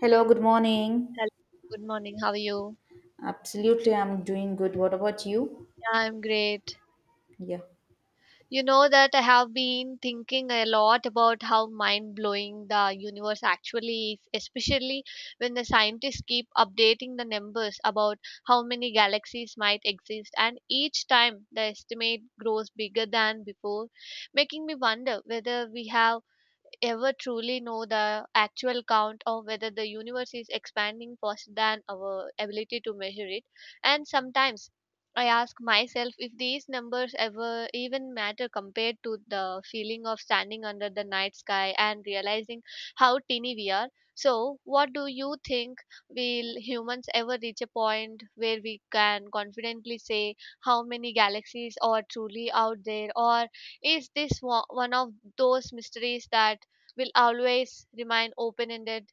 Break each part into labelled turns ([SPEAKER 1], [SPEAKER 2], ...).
[SPEAKER 1] Hello, good morning.
[SPEAKER 2] Hello, good morning. How are you?
[SPEAKER 1] Absolutely, I'm doing good. What about you?
[SPEAKER 2] Yeah, I'm great.
[SPEAKER 1] Yeah.
[SPEAKER 2] You know that I have been thinking a lot about how mind blowing the universe actually is, especially when the scientists keep updating the numbers about how many galaxies might exist, and each time the estimate grows bigger than before, making me wonder whether we have ever truly know the actual count or whether the universe is expanding faster than our ability to measure it, and sometimes I ask myself if these numbers ever even matter compared to the feeling of standing under the night sky and realizing how teeny we are. So, what do you think? Will humans ever reach a point where we can confidently say how many galaxies are truly out there, or is this one of those mysteries that will always remain open ended?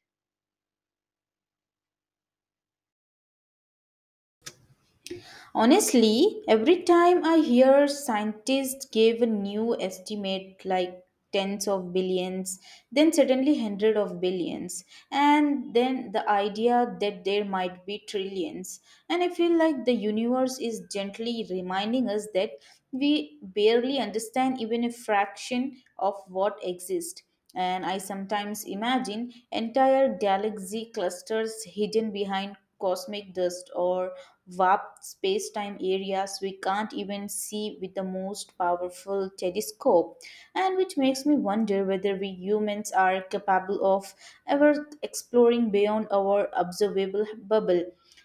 [SPEAKER 1] Honestly, every time I hear scientists give a new estimate like tens of billions, then suddenly hundred of billions, and then the idea that there might be trillions. And I feel like the universe is gently reminding us that we barely understand even a fraction of what exists. And I sometimes imagine entire galaxy clusters hidden behind cosmic dust or warped space-time areas we can't even see with the most powerful telescope. And which makes me wonder whether we humans are capable of ever exploring beyond our observable bubble.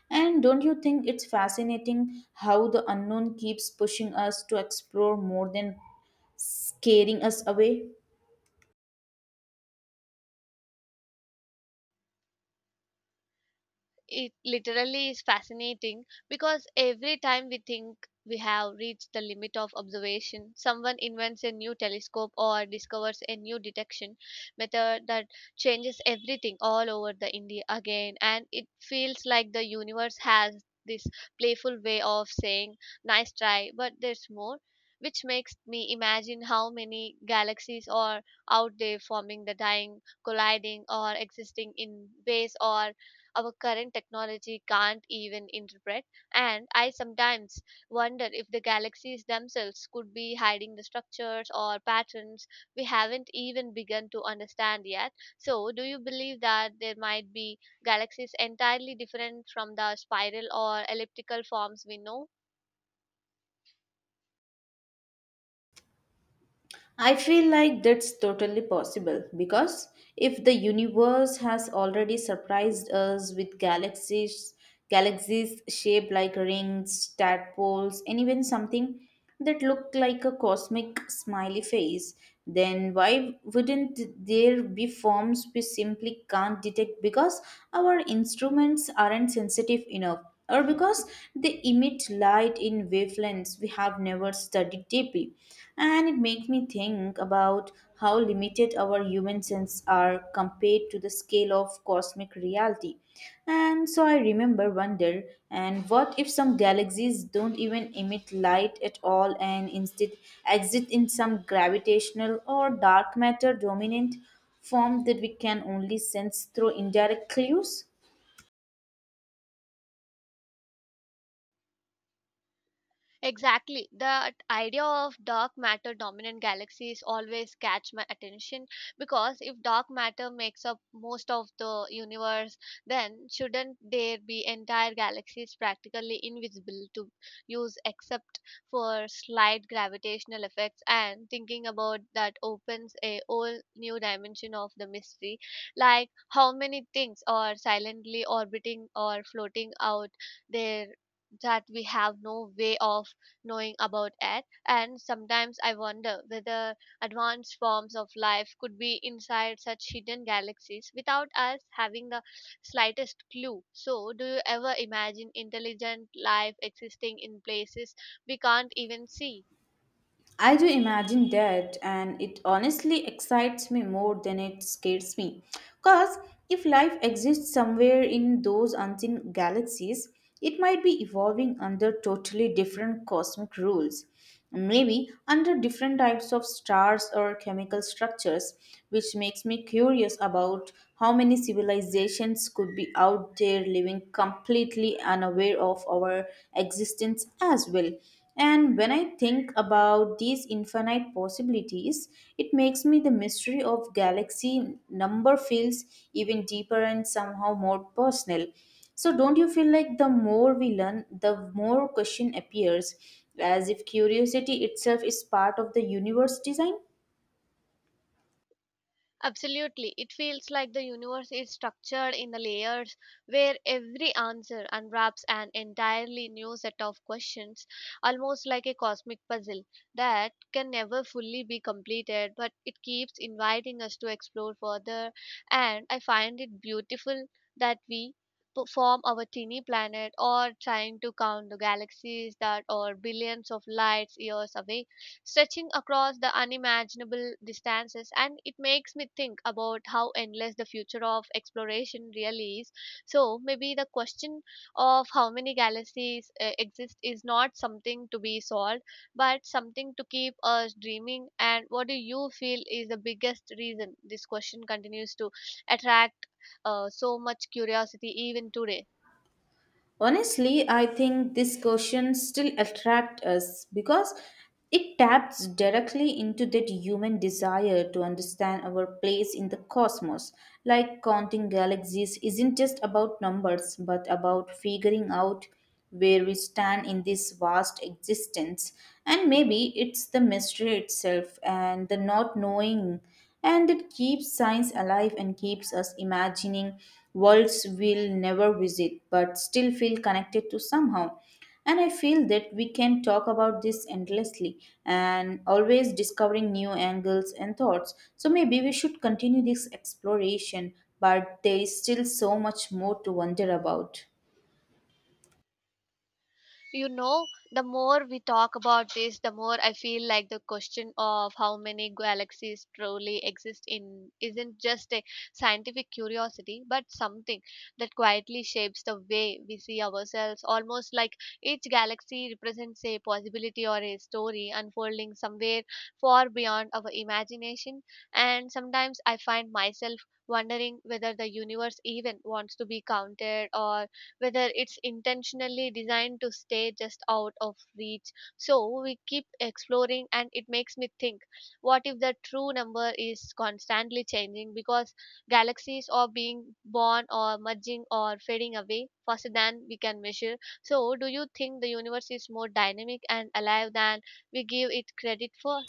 [SPEAKER 1] And don't you think it's fascinating how the unknown keeps pushing us to explore more than scaring us away?
[SPEAKER 2] It literally is fascinating because every time we think we have reached the limit of observation, someone invents a new telescope or discovers a new detection method that changes everything all over the India again. And it feels like the universe has this playful way of saying, "Nice try, but there's more." Which makes me imagine how many galaxies are out there forming the dying, colliding, or existing in ways or our current technology can't even interpret. And I sometimes wonder if the galaxies themselves could be hiding the structures or patterns we haven't even begun to understand yet. So, do you believe that there might be galaxies entirely different from the spiral or elliptical forms we know?
[SPEAKER 1] I feel like that's totally possible because if the universe has already surprised us with galaxies, galaxies shaped like rings, tadpoles, and even something that looked like a cosmic smiley face, then why wouldn't there be forms we simply can't detect because our instruments aren't sensitive enough? Or because they emit light in wavelengths we have never studied deeply. And it makes me think about how limited our human senses are compared to the scale of cosmic reality. And so I remember wonder, and what if some galaxies don't even emit light at all and instead exist in some gravitational or dark matter dominant form that we can only sense through indirect clues?
[SPEAKER 2] Exactly. The idea of dark matter dominant galaxies always catch my attention because if dark matter makes up most of the universe, then shouldn't there be entire galaxies practically invisible to use except for slight gravitational effects? And thinking about that opens a whole new dimension of the mystery, like how many things are silently orbiting or floating out there that we have no way of knowing about it. And sometimes I wonder whether advanced forms of life could be inside such hidden galaxies without us having the slightest clue. So, do you ever imagine intelligent life existing in places we can't even see?
[SPEAKER 1] I do imagine that, and it honestly excites me more than it scares me. Because if life exists somewhere in those unseen galaxies, it might be evolving under totally different cosmic rules. Maybe under different types of stars or chemical structures, which makes me curious about how many civilizations could be out there living completely unaware of our existence as well. And when I think about these infinite possibilities, it makes me the mystery of galaxy number feels even deeper and somehow more personal. So don't you feel like the more we learn, the more question appears, as if curiosity itself is part of the universe design?
[SPEAKER 2] Absolutely. It feels like the universe is structured in the layers where every answer unwraps an entirely new set of questions, almost like a cosmic puzzle that can never fully be completed, but it keeps inviting us to explore further. And I find it beautiful that we form our teeny planet or trying to count the galaxies that are billions of light years away, stretching across the unimaginable distances, and it makes me think about how endless the future of exploration really is. So maybe the question of how many galaxies exist is not something to be solved, but something to keep us dreaming. And what do you feel is the biggest reason this question continues to attract so much curiosity even today?
[SPEAKER 1] Honestly, I think this question still attracts us because it taps directly into that human desire to understand our place in the cosmos. Like counting galaxies isn't just about numbers, but about figuring out where we stand in this vast existence. And maybe it's the mystery itself and the not knowing, and it keeps science alive and keeps us imagining worlds we'll never visit but still feel connected to somehow. And I feel that we can talk about this endlessly and always discovering new angles and thoughts. So maybe we should continue this exploration, but there is still so much more to wonder about.
[SPEAKER 2] You know, the more we talk about this, the more I feel like the question of how many galaxies truly exist in isn't just a scientific curiosity but something that quietly shapes the way we see ourselves, almost like each galaxy represents a possibility or a story unfolding somewhere far beyond our imagination. And sometimes I find myself wondering whether the universe even wants to be counted or whether it's intentionally designed to stay just out of reach. So we keep exploring, and it makes me think, what if the true number is constantly changing because galaxies are being born or merging or fading away faster than we can measure? So, do you think the universe is more dynamic and alive than we give it credit for?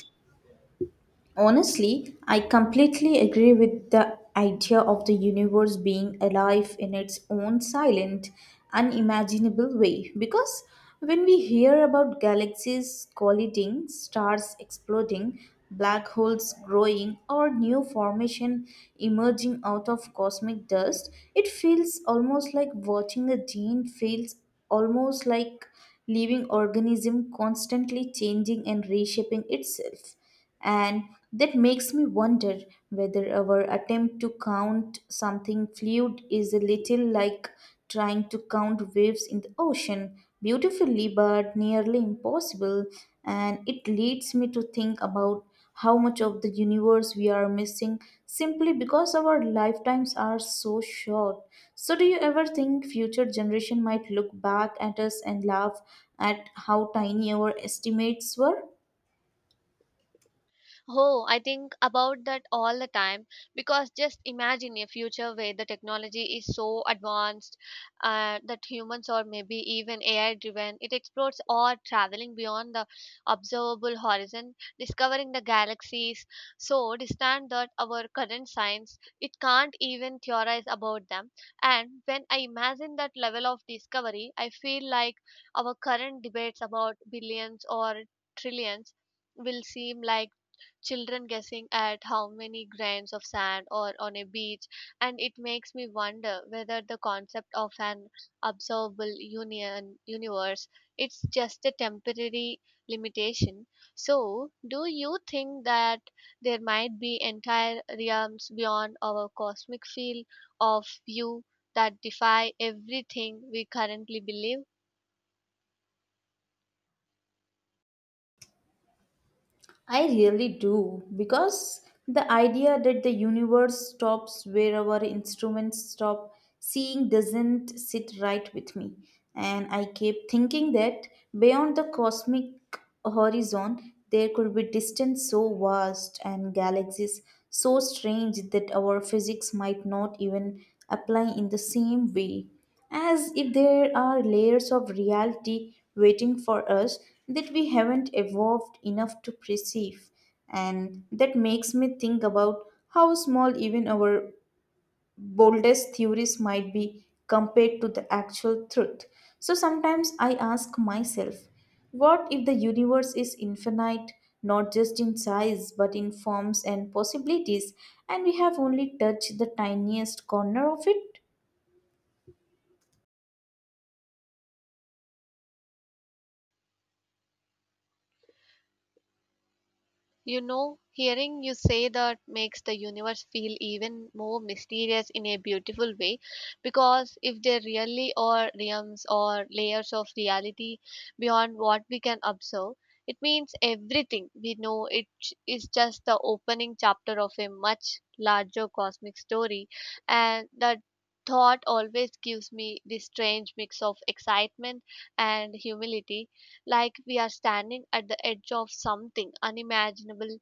[SPEAKER 1] Honestly, I completely agree with the idea of the universe being alive in its own silent, unimaginable way. Because when we hear about galaxies colliding, stars exploding, black holes growing, or new formation emerging out of cosmic dust, it feels almost like watching a gene feels almost like living organism constantly changing and reshaping itself. And that makes me wonder whether our attempt to count something fluid is a little like trying to count waves in the ocean, beautifully but nearly impossible. And it leads me to think about how much of the universe we are missing simply because our lifetimes are so short. So do you ever think future generation might look back at us and laugh at how tiny our estimates were?
[SPEAKER 2] Oh, I think about that all the time because just imagine a future where the technology is so advanced that humans or maybe even AI driven, it explores or traveling beyond the observable horizon, discovering the galaxies so distant that our current science it can't even theorize about them. And when I imagine that level of discovery, I feel like our current debates about billions or trillions will seem like children guessing at how many grains of sand or on a beach, and it makes me wonder whether the concept of an observable union universe it's just a temporary limitation. So, do you think that there might be entire realms beyond our cosmic field of view that defy everything we currently believe?
[SPEAKER 1] I really do, because the idea that the universe stops where our instruments stop seeing doesn't sit right with me. And I keep thinking that beyond the cosmic horizon, there could be distance so vast and galaxies so strange that our physics might not even apply in the same way, as if there are layers of reality waiting for us that we haven't evolved enough to perceive. And that makes me think about how small even our boldest theories might be compared to the actual truth. So sometimes I ask myself, what if the universe is infinite, not just in size, but in forms and possibilities, and we have only touched the tiniest corner of it?
[SPEAKER 2] You know, hearing you say that makes the universe feel even more mysterious in a beautiful way, because if there really are realms or layers of reality beyond what we can observe, it means everything we know it is just the opening chapter of a much larger cosmic story, and that thought always gives me this strange mix of excitement and humility, like we are standing at the edge of something unimaginable,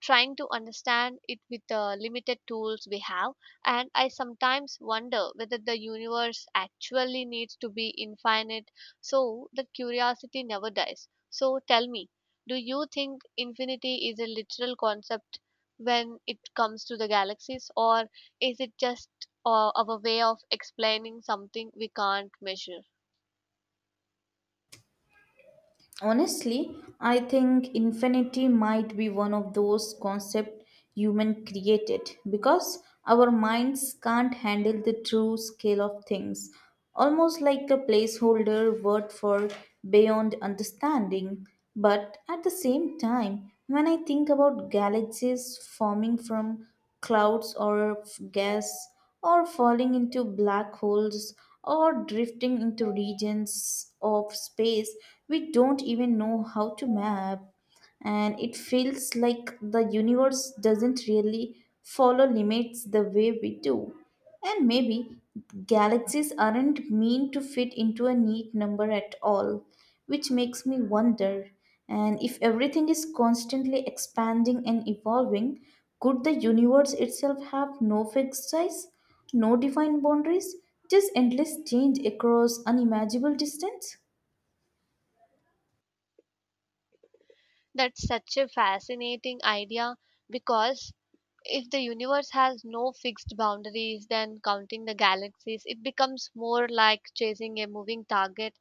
[SPEAKER 2] trying to understand it with the limited tools we have. And I sometimes wonder whether the universe actually needs to be infinite so that curiosity never dies. So tell me, do you think infinity is a literal concept when it comes to the galaxies, or is it just our way of explaining something we can't measure?
[SPEAKER 1] Honestly, I think infinity might be one of those concepts human created because our minds can't handle the true scale of things. Almost like a placeholder word for beyond understanding. But at the same time, when I think about galaxies forming from clouds or gas, or falling into black holes, or drifting into regions of space we don't even know how to map, and it feels like the universe doesn't really follow limits the way we do. And maybe galaxies aren't meant to fit into a neat number at all, which makes me wonder, and if everything is constantly expanding and evolving, could the universe itself have no fixed size, no defined boundaries, just endless change across unimaginable distance?
[SPEAKER 2] That's such a fascinating idea, because if the universe has no fixed boundaries, then counting the galaxies, it becomes more like chasing a moving target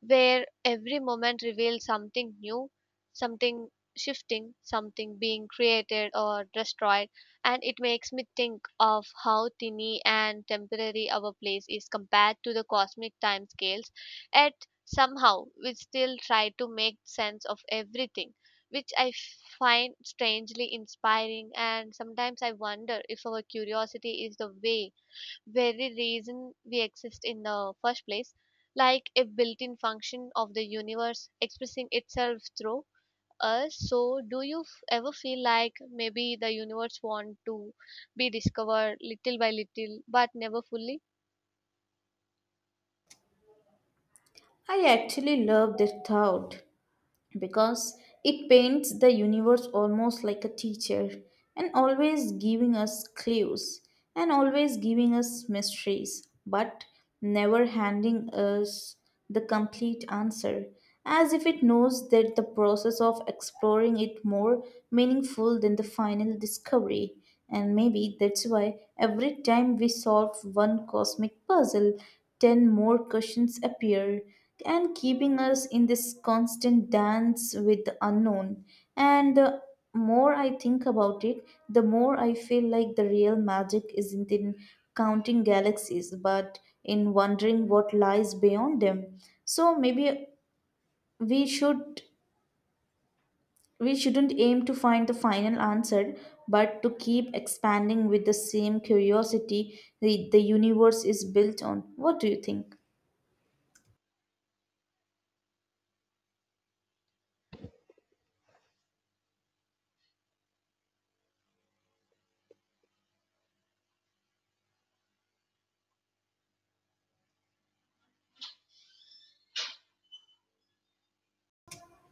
[SPEAKER 2] where every moment reveals something new, something shifting, something being created or destroyed, and it makes me think of how tiny and temporary our place is compared to the cosmic time scales. Yet somehow we still try to make sense of everything. Which I find strangely inspiring, and sometimes I wonder if our curiosity is the way very reason we exist in the first place, like a built in function of the universe expressing itself through us. So, do you ever feel like maybe the universe want to be discovered little by little but never fully?
[SPEAKER 1] I actually love that thought because it paints the universe almost like a teacher, and always giving us clues and always giving us mysteries but never handing us the complete answer, as if it knows that the process of exploring it more meaningful than the final discovery. And maybe that's why every time we solve one cosmic puzzle, 10 more questions appear and keeping us in this constant dance with the unknown. And the more I think about it, the more I feel like the real magic isn't in counting galaxies, but in wondering what lies beyond them. So maybe we should we shouldn't aim to find the final answer, but to keep expanding with the same curiosity the universe is built on. What do you think?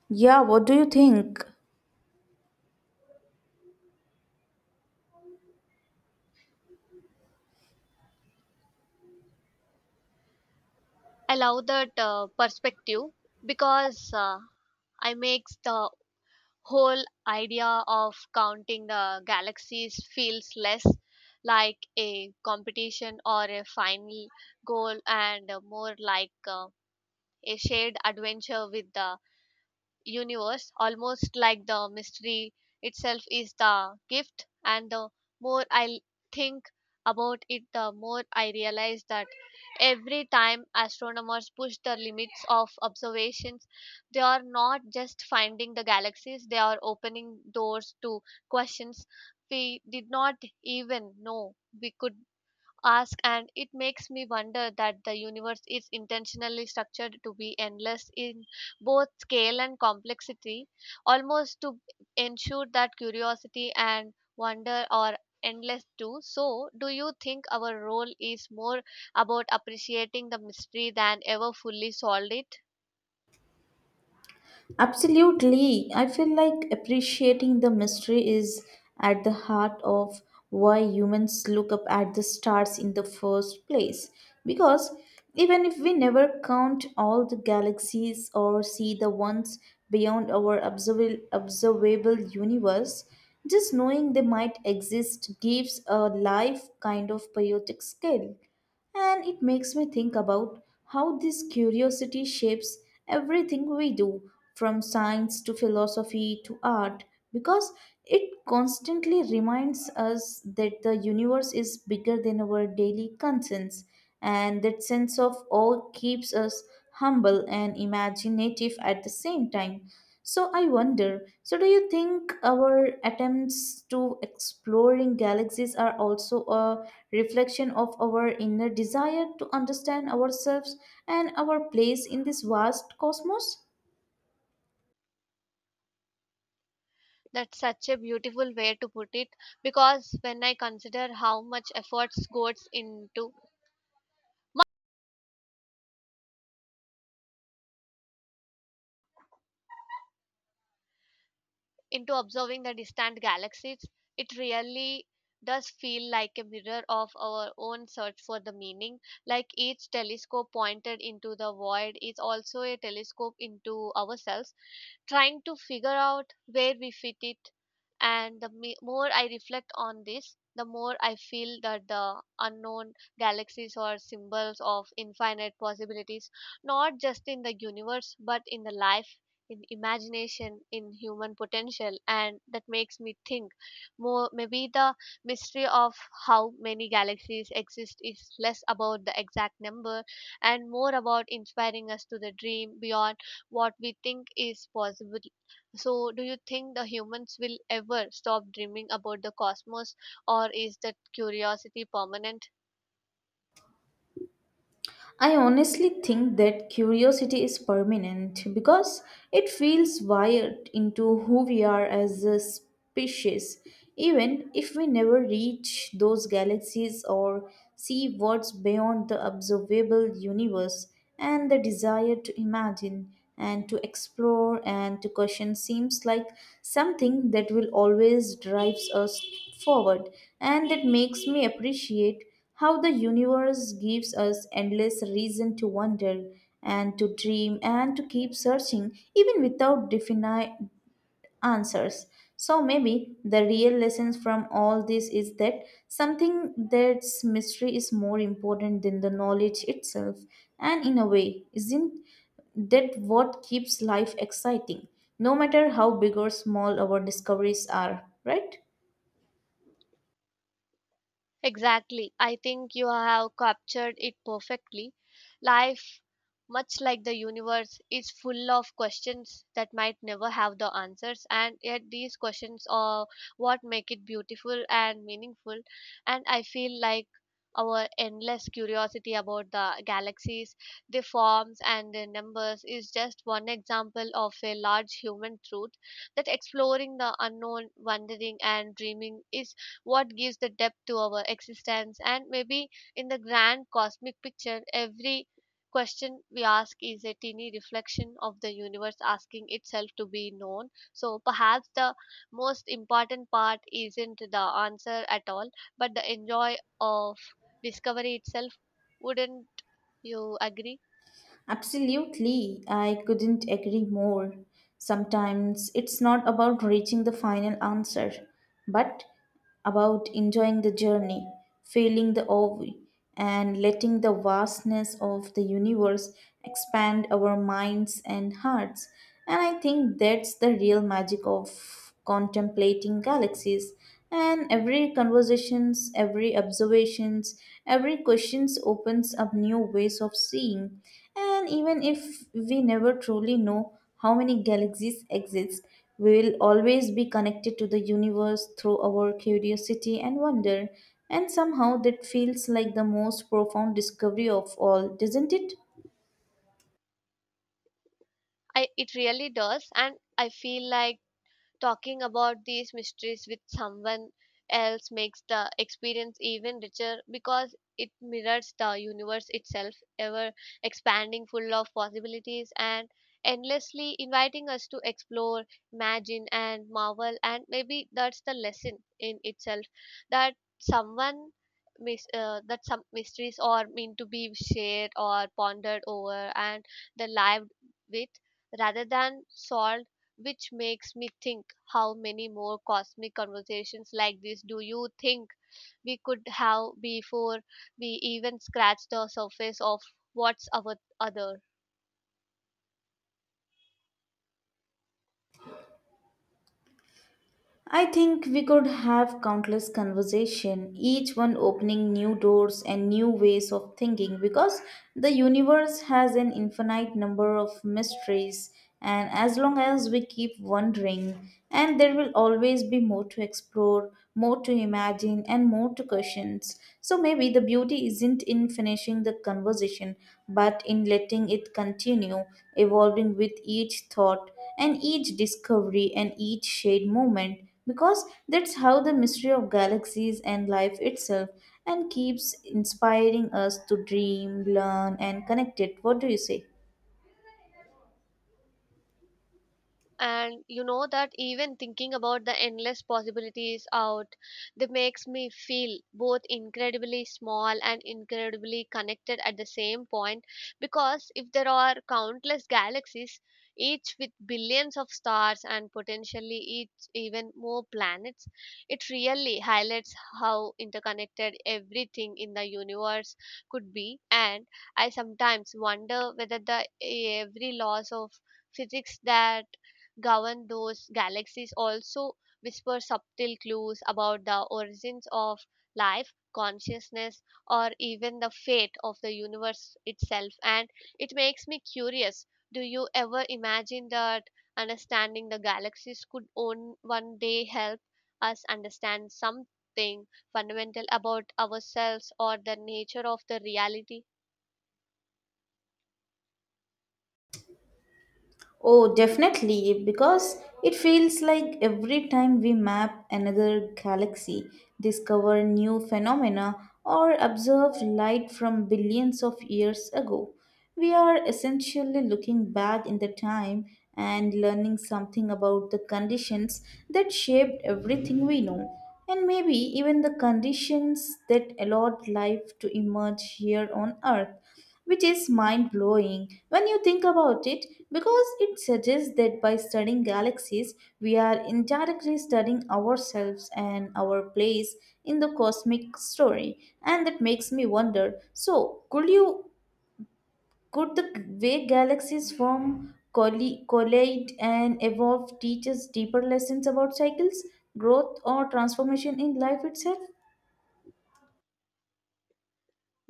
[SPEAKER 1] Yeah, what do you think?
[SPEAKER 2] I love that perspective, because I makes the whole idea of counting the galaxies feels less like a competition or a final goal and more like a shared adventure with the universe, almost like the mystery itself is the gift. And the more I think about it, the more I realize that every time astronomers push the limits of observations, they are not just finding the galaxies, they are opening doors to questions we did not even know we could ask. And it makes me wonder that the universe is intentionally structured to be endless in both scale and complexity, almost to ensure that curiosity and wonder are endless too. So do you think our role is more about appreciating the mystery than ever fully solved it?
[SPEAKER 1] Absolutely. I feel like appreciating the mystery is at the heart of why humans look up at the stars in the first place. Because even if we never count all the galaxies or see the ones beyond our observable universe, just knowing they might exist gives a life kind of poetic scale. And it makes me think about how this curiosity shapes everything we do, from science to philosophy to art, because it constantly reminds us that the universe is bigger than our daily concerns, and that sense of awe keeps us humble and imaginative at the same time. So I wonder, so do you think our attempts to exploring galaxies are also a reflection of our inner desire to understand ourselves and our place in this vast cosmos?
[SPEAKER 2] That's such a beautiful way to put it, because when I consider how much efforts goes into observing the distant galaxies, it really does feel like a mirror of our own search for the meaning. Like each telescope pointed into the void is also a telescope into ourselves, trying to figure out where we fit it. And the more I reflect on this, the more I feel that the unknown galaxies are symbols of infinite possibilities, not just in the universe but in the life, in imagination, in human potential, and that makes me think more, maybe the mystery of how many galaxies exist is less about the exact number and more about inspiring us to the dream beyond what we think is possible. So, do you think the humans will ever stop dreaming about the cosmos, or is that curiosity permanent?
[SPEAKER 1] I honestly think that curiosity is permanent because it feels wired into who we are as a species, even if we never reach those galaxies or see what's beyond the observable universe. And the desire to imagine and to explore and to question seems like something that will always drives us forward. And it makes me appreciate how the universe gives us endless reason to wonder and to dream and to keep searching, even without answers. So maybe the real lessons from all this is that something that's mystery is more important than the knowledge itself. And in a way, isn't that what keeps life exciting? No matter how big or small our discoveries are, right?
[SPEAKER 2] Exactly. I think you have captured it perfectly. Life, much like the universe, is full of questions that might never have the answers, and yet these questions are what make it beautiful and meaningful. And I feel like our endless curiosity about the galaxies, their forms, and their numbers is just one example of a large human truth, that exploring the unknown, wondering, and dreaming is what gives the depth to our existence. And maybe in the grand cosmic picture, every question we ask is a teeny reflection of the universe asking itself to be known. So perhaps the most important part isn't the answer at all, but the enjoy of discovery itself. Wouldn't you agree?
[SPEAKER 1] Absolutely, I couldn't agree more. Sometimes it's not about reaching the final answer, but about enjoying the journey, feeling the awe, and letting the vastness of the universe expand our minds and hearts. And I think that's the real magic of contemplating galaxies. And every conversations, every observations, every questions opens up new ways of seeing. And even if we never truly know how many galaxies exist, we will always be connected to the universe through our curiosity and wonder. And somehow that feels like the most profound discovery of all, doesn't it?
[SPEAKER 2] I, it really does, and I feel like talking about these mysteries with someone else makes the experience even richer, because it mirrors the universe itself, ever expanding, full of possibilities, and endlessly inviting us to explore, imagine, and marvel. And maybe that's the lesson in itself, that someone some mysteries are meant to be shared or pondered over and the lived with rather than solved, which makes me think, how many more cosmic conversations like this do you think we could have before we even scratch the surface of what's our other?
[SPEAKER 1] I think we could have countless conversation, each one opening new doors and new ways of thinking because the universe has an infinite number of mysteries, and as long as we keep wondering, and there will always be more to explore, more to imagine, and more to questions. So maybe the beauty isn't in finishing the conversation but in letting it continue evolving with each thought and each discovery and each shared moment, because that's how the mystery of galaxies and life itself, and keeps inspiring us to dream, learn, and connect it. What do you say?
[SPEAKER 2] And you know that even thinking about the endless possibilities out that makes me feel both incredibly small and incredibly connected at the same point, because if there are countless galaxies, each with billions of stars and potentially each even more planets, it really highlights how interconnected everything in the universe could be. And I sometimes wonder whether the every laws of physics that govern those galaxies also whisper subtle clues about the origins of life, consciousness, or even the fate of the universe itself, and it makes me curious, do you ever imagine that understanding the galaxies could on one day help us understand something fundamental about ourselves or the nature of the reality?
[SPEAKER 1] Oh, definitely, because it feels like every time we map another galaxy, discover new phenomena, or observe light from billions of years ago, we are essentially looking back in the time and learning something about the conditions that shaped everything we know, and maybe even the conditions that allowed life to emerge here on Earth, which is mind blowing when you think about it, because it suggests that by studying galaxies, we are indirectly studying ourselves and our place in the cosmic story. And that makes me wonder, so, could the way galaxies form, collide, and evolve teach us deeper lessons about cycles, growth, or transformation in life itself?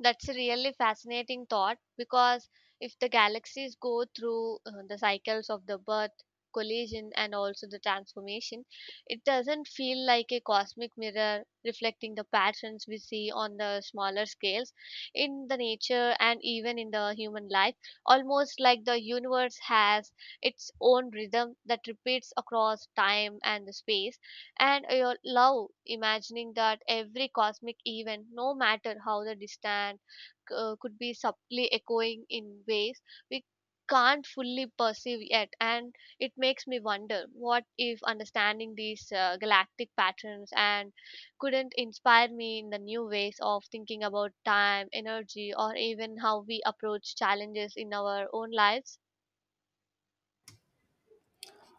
[SPEAKER 2] That's a really fascinating thought, because if the galaxies go through the cycles of the birth, collision, and also the transformation, it doesn't feel like a cosmic mirror reflecting the patterns we see on the smaller scales in the nature and even in the human life. Almost like the universe has its own rhythm that repeats across time and the space, and I love imagining that every cosmic event, no matter how the distant, could be subtly echoing in ways we can't fully perceive yet. And it makes me wonder, what if understanding these galactic patterns and couldn't inspire me in the new ways of thinking about time, energy, or even how we approach challenges in our own lives?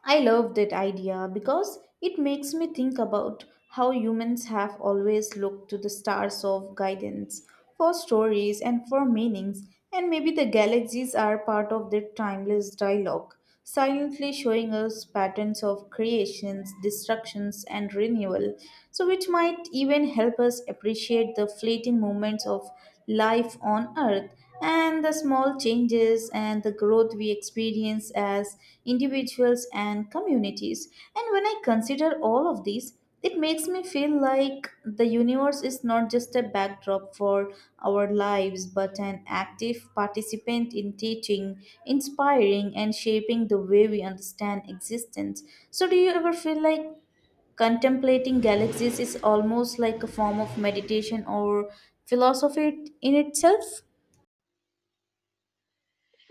[SPEAKER 1] I love that idea because it makes me think about how humans have always looked to the stars of guidance, for stories and for meanings, and maybe the galaxies are part of that timeless dialogue, silently showing us patterns of creations, destructions, and renewal, so which might even help us appreciate the fleeting moments of life on Earth and the small changes and the growth we experience as individuals and communities. And when I consider all of these, it makes me feel like the universe is not just a backdrop for our lives, but an active participant in teaching, inspiring, and shaping the way we understand existence. So, do you ever feel like contemplating galaxies is almost like a form of meditation or philosophy in itself?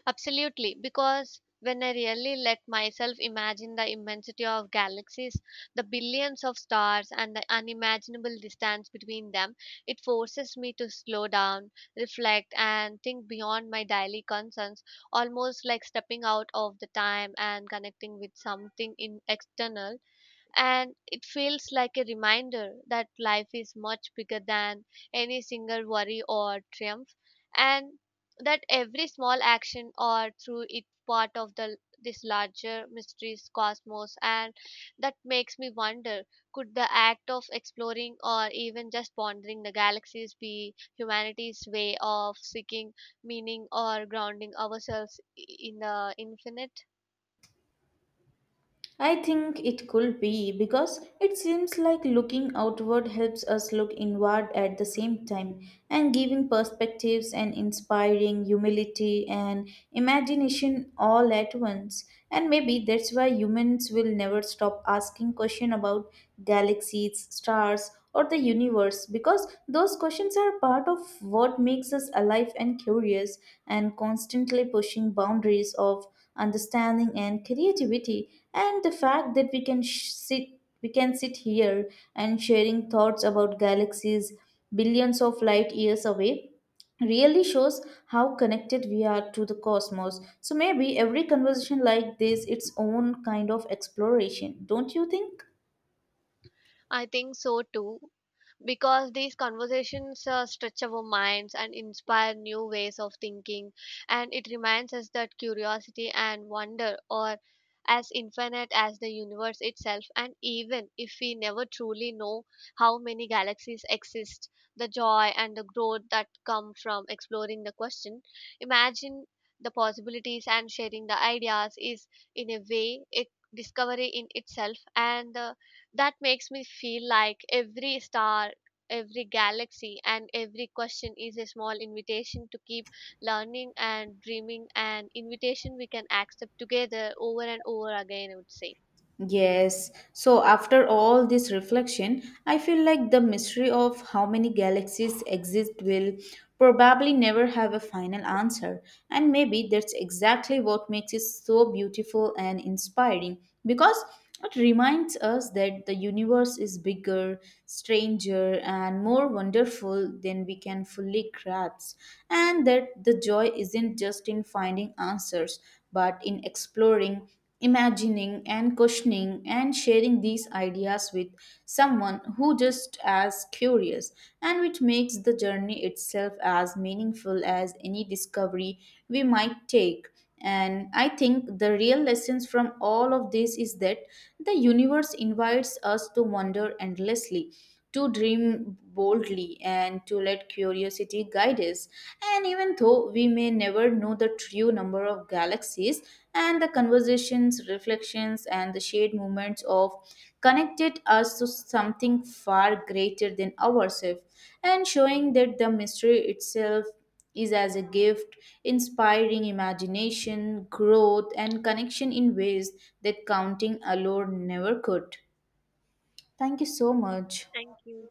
[SPEAKER 2] Absolutely, because when I really let myself imagine the immensity of galaxies, the billions of stars, and the unimaginable distance between them, it forces me to slow down, reflect, and think beyond my daily concerns, almost like stepping out of the time and connecting with something in external. And it feels like a reminder that life is much bigger than any single worry or triumph, and that every small action or through it part of the this larger mysteries cosmos. And that makes me wonder, could the act of exploring or even just pondering the galaxies be humanity's way of seeking meaning or grounding ourselves in the infinite?
[SPEAKER 1] I think it could be, because it seems like looking outward helps us look inward at the same time, and giving perspectives and inspiring humility and imagination all at once. And maybe that's why humans will never stop asking questions about galaxies, stars, or the universe, because those questions are part of what makes us alive and curious and constantly pushing boundaries of understanding and creativity. And the fact that we can sit here and sharing thoughts about galaxies billions of light years away really shows how connected we are to the cosmos. So maybe every conversation like this its own kind of exploration, don't you think?
[SPEAKER 2] I think so too, because these conversations stretch our minds and inspire new ways of thinking, and it reminds us that curiosity and wonder are as infinite as the universe itself. And even if we never truly know how many galaxies exist, the joy and the growth that come from exploring the question, imagine the possibilities and sharing the ideas is, in a way, a discovery in itself. And the that makes me feel like every star, every galaxy, and every question is a small invitation to keep learning and dreaming, an invitation we can accept together over and over again, I would say.
[SPEAKER 1] Yes, so after all this reflection, I feel like the mystery of how many galaxies exist will probably never have a final answer. And maybe that's exactly what makes it so beautiful and inspiring. Because it reminds us that the universe is bigger, stranger, and more wonderful than we can fully grasp, and that the joy isn't just in finding answers, but in exploring, imagining, and questioning, and sharing these ideas with someone who just as curious, and which makes the journey itself as meaningful as any discovery we might take. And I think the real lessons from all of this is that the universe invites us to wander endlessly, to dream boldly, and to let curiosity guide us. And even though we may never know the true number of galaxies, and the conversations, reflections, and the shared moments of connected us to something far greater than ourselves, and showing that the mystery itself is as a gift, inspiring imagination, growth, and connection in ways that counting alone never could. Thank you so much.
[SPEAKER 2] Thank you.